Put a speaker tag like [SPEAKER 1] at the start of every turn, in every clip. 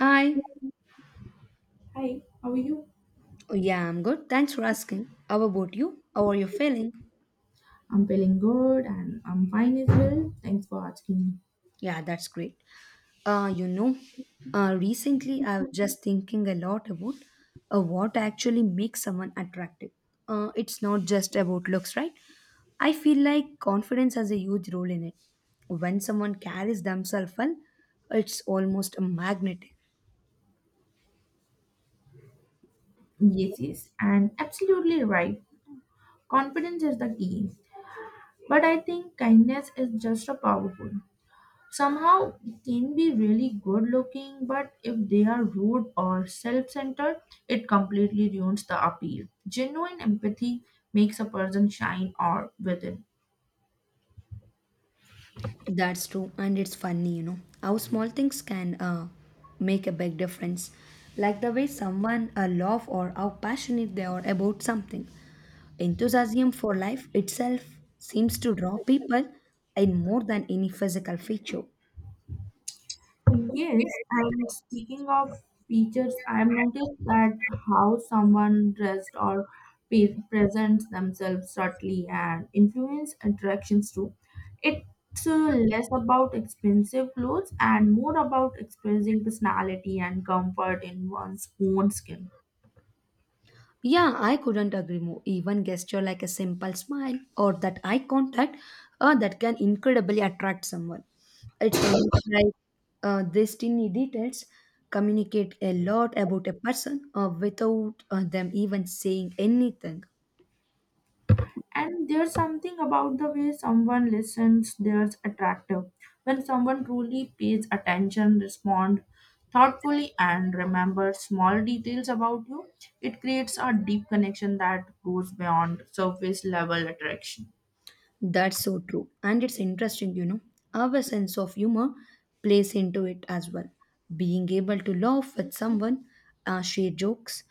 [SPEAKER 1] Hi.
[SPEAKER 2] Hi, how are you?
[SPEAKER 1] Oh, yeah, I'm good. Thanks for asking. How about you? How are you feeling?
[SPEAKER 2] I'm feeling good and I'm fine as well. Thanks for asking.
[SPEAKER 1] Yeah, that's great. Uh, you know, recently I was just thinking a lot about what actually makes someone attractive. It's not just about looks, right? I feel like confidence has a huge role in it. When someone carries themselves well, it's almost a magnet.
[SPEAKER 2] Yes, yes, and absolutely right. Confidence is the key, but I think kindness is just as powerful. Somehow can be really good looking, but if they are rude or self centered, it completely ruins the appeal. Genuine empathy makes a person shine or within.
[SPEAKER 1] That's true, and it's funny, you know, how small things can make a big difference. Like the way someone love or how passionate they are about something. Enthusiasm for life itself seems to draw people in more than any physical feature.
[SPEAKER 2] Yes, and speaking of features, I've noticed that how someone dressed or presents themselves subtly and influence interactions too. It's less about expensive clothes and more about expressing personality and comfort in one's own skin.
[SPEAKER 1] Yeah, I couldn't agree more. Even gesture like a simple smile or that eye contact that can incredibly attract someone. It's almost like these tiny details communicate a lot about a person without them even saying anything.
[SPEAKER 2] And there's something about the way someone listens that's attractive. When someone truly pays attention, responds thoughtfully, and remembers small details about you, it creates a deep connection that goes beyond surface level attraction.
[SPEAKER 1] That's so true. And it's interesting, you know, our sense of humor plays into it as well. Being able to laugh with someone, share jokes,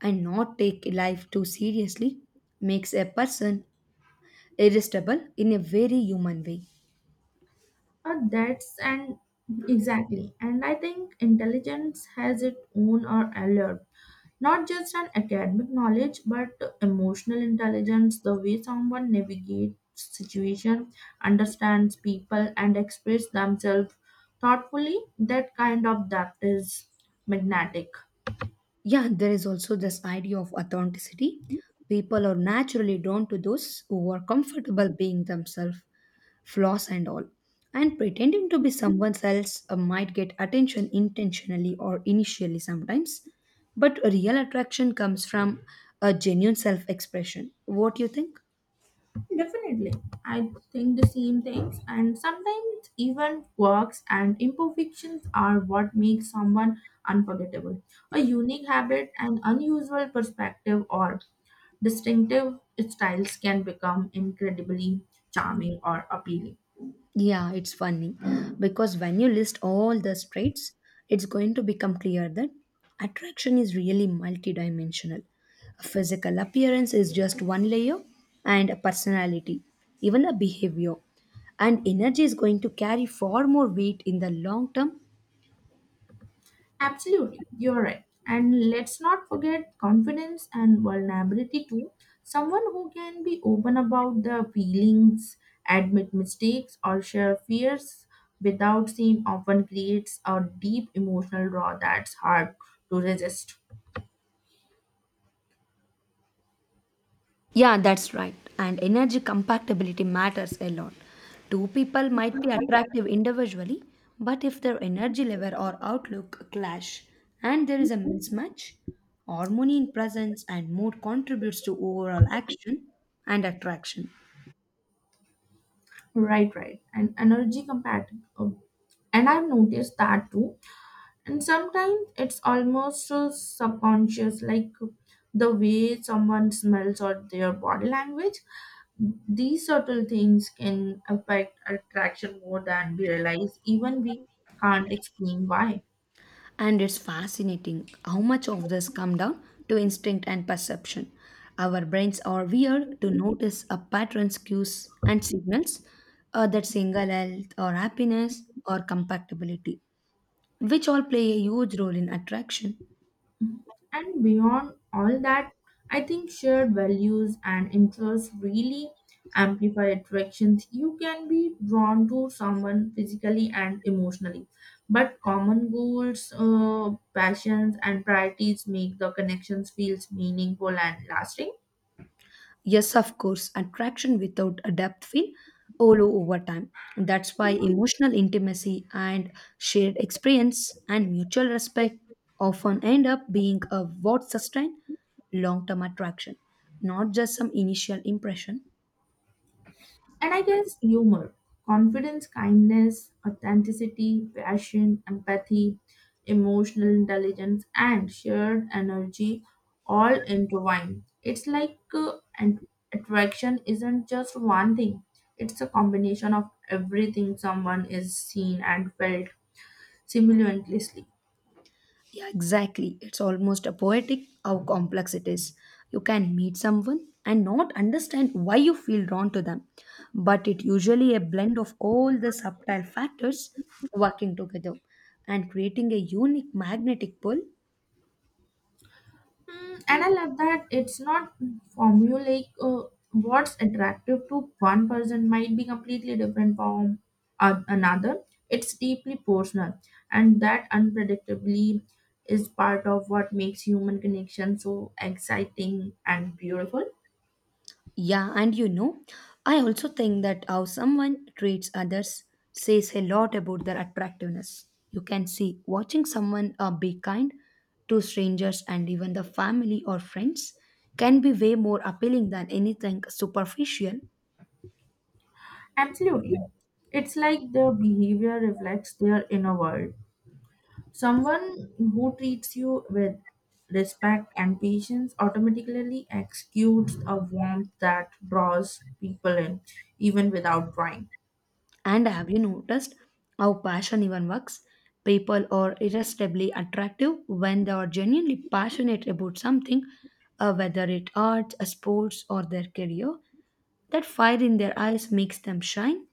[SPEAKER 1] and not take life too seriously makes a person irresistible in a very human way.
[SPEAKER 2] That's and exactly. And I think intelligence has its own allure. Not just an academic knowledge, but emotional intelligence, the way someone navigates situation, understands people, and express themselves thoughtfully, that kind of depth is magnetic.
[SPEAKER 1] Yeah, there is also this idea of authenticity. People are naturally drawn to those who are comfortable being themselves, flaws and all. And pretending to be someone else might get attention intentionally or initially sometimes, but a real attraction comes from a genuine self expression. What do you think?
[SPEAKER 2] Definitely. I think the same things, and sometimes even quirks and imperfections are what make someone unforgettable. A unique habit, an unusual perspective, or distinctive styles can become incredibly charming or appealing.
[SPEAKER 1] Yeah, it's funny because when you list all the traits, it's going to become clear that attraction is really multidimensional. Physical appearance is just one layer, and personality, even a behavior. And energy is going to carry far more weight in the long term.
[SPEAKER 2] Absolutely, you're right. And let's not forget confidence and vulnerability too. Someone who can be open about their feelings, admit mistakes, or share fears without shame often creates a deep emotional raw that's hard to resist.
[SPEAKER 1] Yeah, that's right. And energy compatibility matters a lot. Two people might be attractive individually, but if their energy level or outlook clash and there is a mismatch, harmony in presence and mood contributes to overall action and attraction.
[SPEAKER 2] Right, right. And energy compatible. Oh, and I've noticed that too. And sometimes it's almost subconscious, like the way someone smells or their body language. These subtle things can affect attraction more than we realize, even we can't explain why.
[SPEAKER 1] And it's fascinating how much of this comes down to instinct and perception. Our brains are weird to notice a patterns, cues, and signals that single health or happiness or compatibility, which all play a huge role in attraction.
[SPEAKER 2] And beyond all that, I think shared values and interests really amplify attractions. You can be drawn to someone physically and emotionally, but common goals, passions, and priorities make the connections feels meaningful and lasting.
[SPEAKER 1] Yes, of course, attraction without a depth will hollow over time. That's why emotional intimacy and shared experience and mutual respect often end up being a what sustain long-term attraction, not just some initial impression.
[SPEAKER 2] And I guess humor, confidence, kindness, authenticity, passion, empathy, emotional intelligence, and shared energy all intertwined. It's like an attraction isn't just one thing, it's a combination of everything someone is seen and felt simultaneously.
[SPEAKER 1] Yeah, exactly. It's almost a poetic how complex it is. You can meet someone and not understand why you feel drawn to them, but it usually a blend of all the subtle factors working together and creating a unique magnetic pull.
[SPEAKER 2] And I love that it's not formulaic. What's attractive to one person might be completely different from another. It's deeply personal, and that unpredictably is part of what makes human connection so exciting and beautiful.
[SPEAKER 1] Yeah, and you know, I also think that how someone treats others says a lot about their attractiveness. You can see watching someone be kind to strangers and even the family or friends can be way more appealing than anything superficial.
[SPEAKER 2] Absolutely. It's like their behavior reflects their inner world. Someone who treats you with respect and patience automatically exudes a warmth that draws people in, even without trying.
[SPEAKER 1] And have you noticed how passion even works? People are irresistibly attractive when they are genuinely passionate about something, whether it art, sports, or their career. That fire in their eyes makes them shine.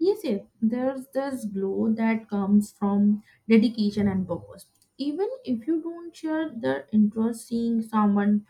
[SPEAKER 2] Yes, yes, there's this glow that comes from dedication and purpose. Even if you don't share their interest, seeing someone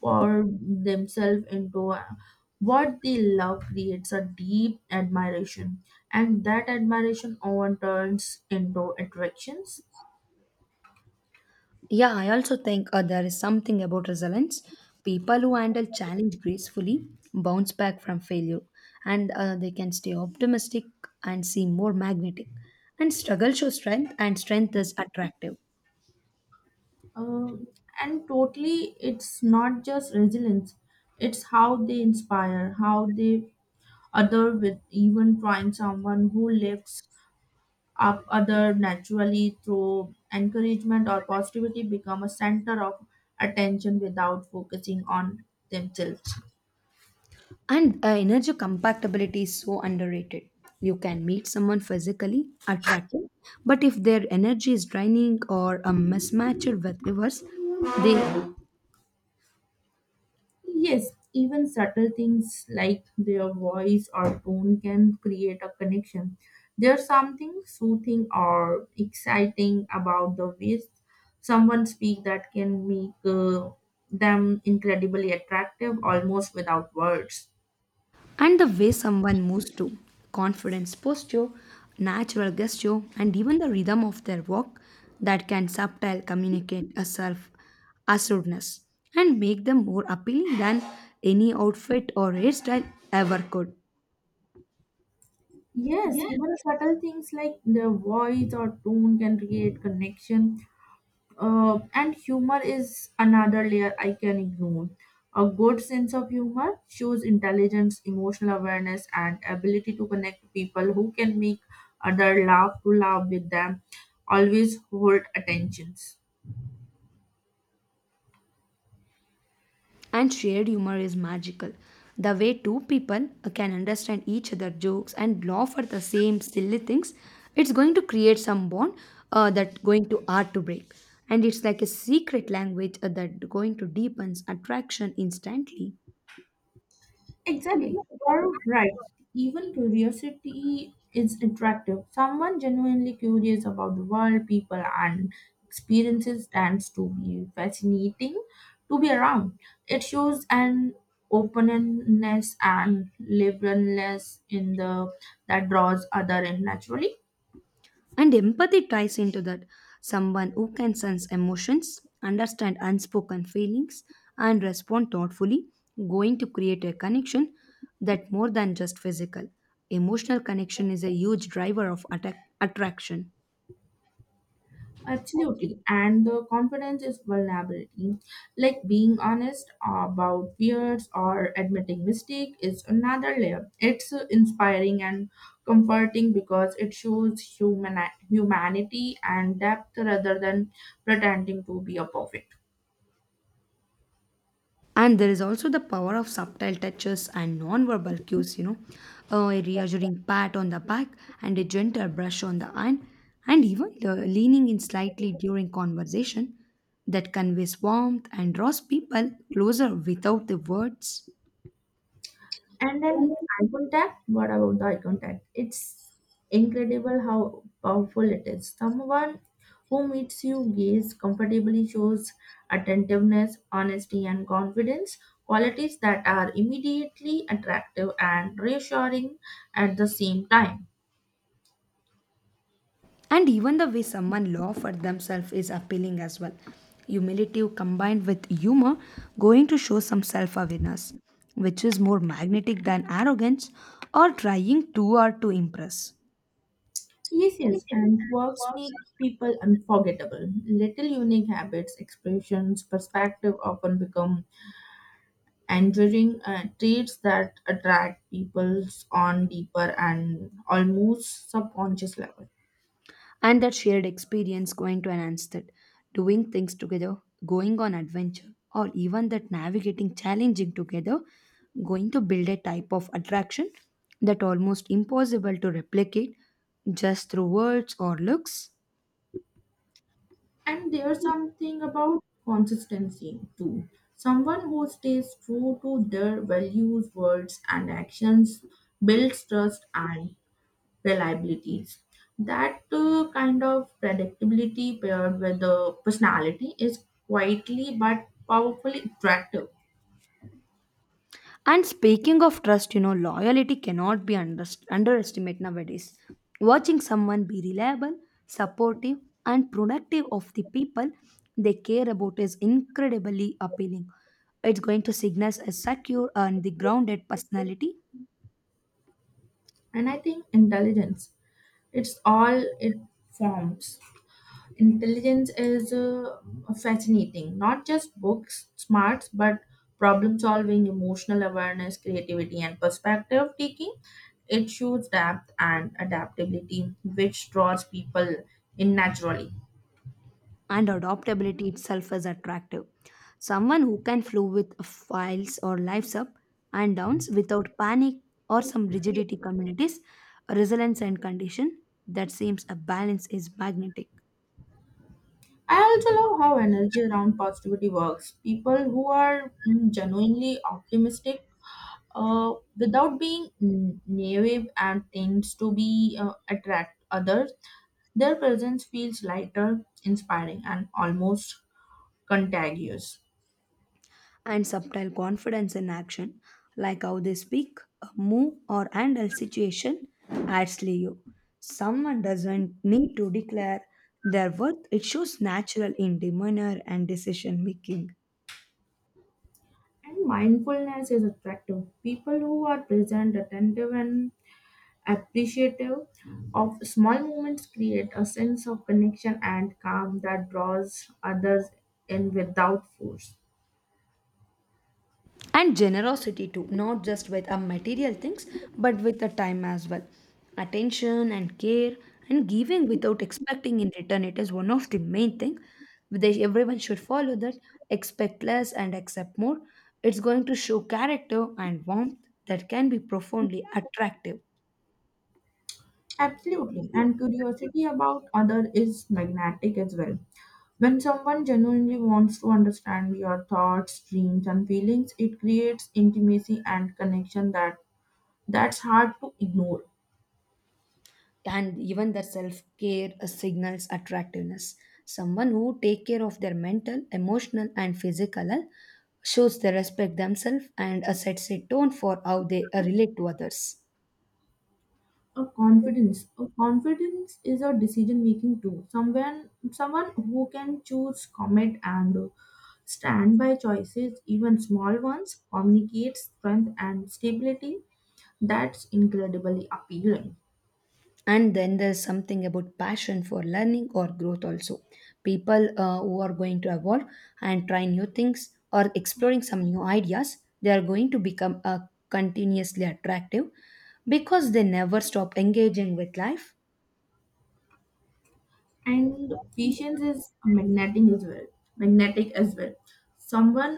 [SPEAKER 2] pour themselves into what they love creates a deep admiration, and that admiration often turns into attractions.
[SPEAKER 1] Yeah, I also think there is something about resilience. People who handle challenge gracefully bounce back from failure and they can stay optimistic and seem more magnetic. And struggle shows strength, and strength is attractive.
[SPEAKER 2] Uh, and totally, it's not just resilience, it's how they inspire, how they other with even trying someone who lifts up other naturally through encouragement or positivity become a center of attention without focusing on themselves.
[SPEAKER 1] And energy compatibility is so underrated. You can meet someone physically attractive, but if their energy is draining or a mismatched with yours, they.
[SPEAKER 2] Yes, even subtle things like their voice or tone can create a connection. There's something soothing or exciting about the way someone speaks that can make them incredibly attractive almost without words.
[SPEAKER 1] And the way someone moves too, confidence, posture, natural gesture, and even the rhythm of their walk that can subtle communicate a self assuredness and make them more appealing than any outfit or hairstyle ever could.
[SPEAKER 2] Yes,
[SPEAKER 1] Yeah.
[SPEAKER 2] even subtle things like their voice or tone can create connection. And humor is another layer I can ignore. A good sense of humor shows intelligence, emotional awareness, and ability to connect to people who can make other laugh to laugh with them. Always hold attentions.
[SPEAKER 1] And shared humor is magical. The way two people can understand each other's jokes and laugh at the same silly things, it's going to create some bond that going to hard to break. And it's like a secret language that going to deepens attraction instantly.
[SPEAKER 2] Exactly. You're right. Even curiosity is attractive. Someone genuinely curious about the world, people, and experiences tends to be fascinating to be around. It shows an openness and liberalness in the that draws other in naturally.
[SPEAKER 1] And empathy ties into that someone who can sense emotions, understand unspoken feelings, and respond thoughtfully, going to create a connection that more than just physical. Emotional connection is a huge driver of attack attraction.
[SPEAKER 2] Absolutely. And the confidence is vulnerability. Like being honest about fears or admitting mistake is another layer. It's inspiring and comforting because it shows humanity and depth rather than pretending to be a perfect.
[SPEAKER 1] And there is also the power of subtle touches and non-verbal cues, you know, a reassuring pat on the back and a gentle brush on the hand, and even the leaning in slightly during conversation that conveys warmth and draws people closer without the words.
[SPEAKER 2] And then eye contact. What about the eye contact? It's incredible how powerful it is. Someone who meets you gaze comfortably shows attentiveness, honesty, and confidence, qualities that are immediately attractive and reassuring at the same time.
[SPEAKER 1] And even the way someone laughs at themselves is appealing as well. Humility combined with humor going to show some self awareness, which is more magnetic than arrogance or trying too hard to impress.
[SPEAKER 2] Yes, yes, and works make people unforgettable. Little unique habits, expressions, perspective often become enduring traits that attract people on deeper and almost subconscious level.
[SPEAKER 1] And that shared experience going to enhance that, doing things together, going on adventure, or even that navigating challenging together going to build a type of attraction that almost impossible to replicate just through words or looks.
[SPEAKER 2] And there's something about consistency too. Someone who stays true to their values, words, and actions builds trust and reliabilities. That kind of predictability paired with the personality is quietly but powerfully attractive.
[SPEAKER 1] And speaking of trust, you know, loyalty cannot be underestimated nowadays. Watching someone be reliable, supportive, and productive of the people they care about is incredibly appealing. It's going to signal a secure and the grounded personality.
[SPEAKER 2] And I think intelligence, it's all it forms. Intelligence is fascinating. Not just books, smarts, but problem solving, emotional awareness, creativity, and perspective taking. It shows depth and adaptability, which draws people in naturally.
[SPEAKER 1] And adaptability itself is attractive. Someone who can flow with files or lives up and downs without panic or some rigidity communities, resilience and condition that seems a balance is magnetic.
[SPEAKER 2] I also love how energy around positivity works. People who are genuinely optimistic without being naive and tends to be attract others. Their presence feels lighter, inspiring, and almost contagious.
[SPEAKER 1] And subtle confidence in action, like how they speak, move, or handle situation, adds Leo. Someone doesn't need to declare their worth, it shows natural in demeanor and decision making.
[SPEAKER 2] And mindfulness is attractive. People who are present, attentive, and appreciative of small moments create a sense of connection and calm that draws others in without force.
[SPEAKER 1] And generosity too, not just with our material things but with the time as well, attention and care, and giving without expecting in return, it is one of the main thing they, everyone should follow that, expect less and accept more, it's going to show character and warmth that can be profoundly attractive.
[SPEAKER 2] Absolutely, and curiosity about other is magnetic as well. When someone genuinely wants to understand your thoughts, dreams, and feelings, it creates intimacy and connection that's hard to ignore.
[SPEAKER 1] And even their self-care signals attractiveness. Someone who take care of their mental emotional and physical health shows they respect themselves and sets a tone for how they relate to others.
[SPEAKER 2] A confidence, a confidence is a decision making tool, someone who can choose commit and stand by choices even small ones communicates strength and stability that's incredibly appealing.
[SPEAKER 1] And then there's something about passion for learning or growth also. People who are going to evolve and try new things or exploring some new ideas, they are going to become continuously attractive because they never stop engaging with life.
[SPEAKER 2] And patience is magnetic as well, magnetic as well someone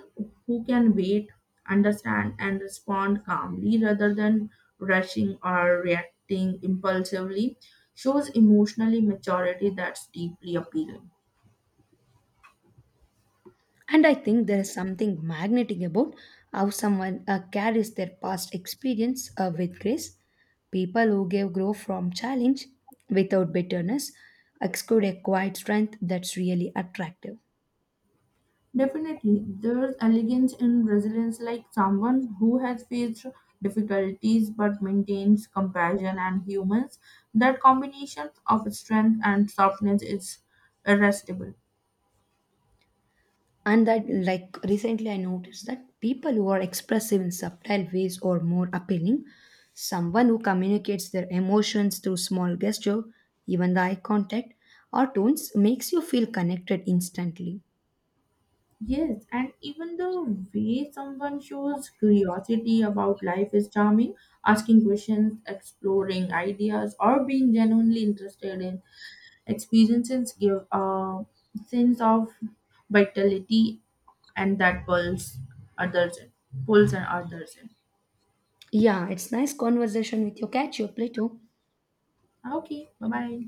[SPEAKER 2] who can wait understand and respond calmly rather than rushing or reacting impulsively shows emotionally maturity that's deeply appealing.
[SPEAKER 1] And I think there is something magnetic about how someone carries their past experience with grace. People who give grow from challenge without bitterness exude a quiet strength that's really attractive.
[SPEAKER 2] Definitely there's elegance in resilience, like someone who has faced difficulties but maintains compassion and humans. That combination of strength and softness is irresistible.
[SPEAKER 1] And that, like recently, I noticed that people who are expressive in subtle ways are more appealing. Someone who communicates their emotions through small gesture, even the eye contact or tones, makes you feel connected instantly.
[SPEAKER 2] Yes, and even the way someone shows curiosity about life is charming, asking questions, exploring ideas, or being genuinely interested in experiences give a sense of vitality and that pulls others in, pulls and others in.
[SPEAKER 1] Yeah, it's nice conversation with you. Catch you, Plato.
[SPEAKER 2] Okay, bye bye.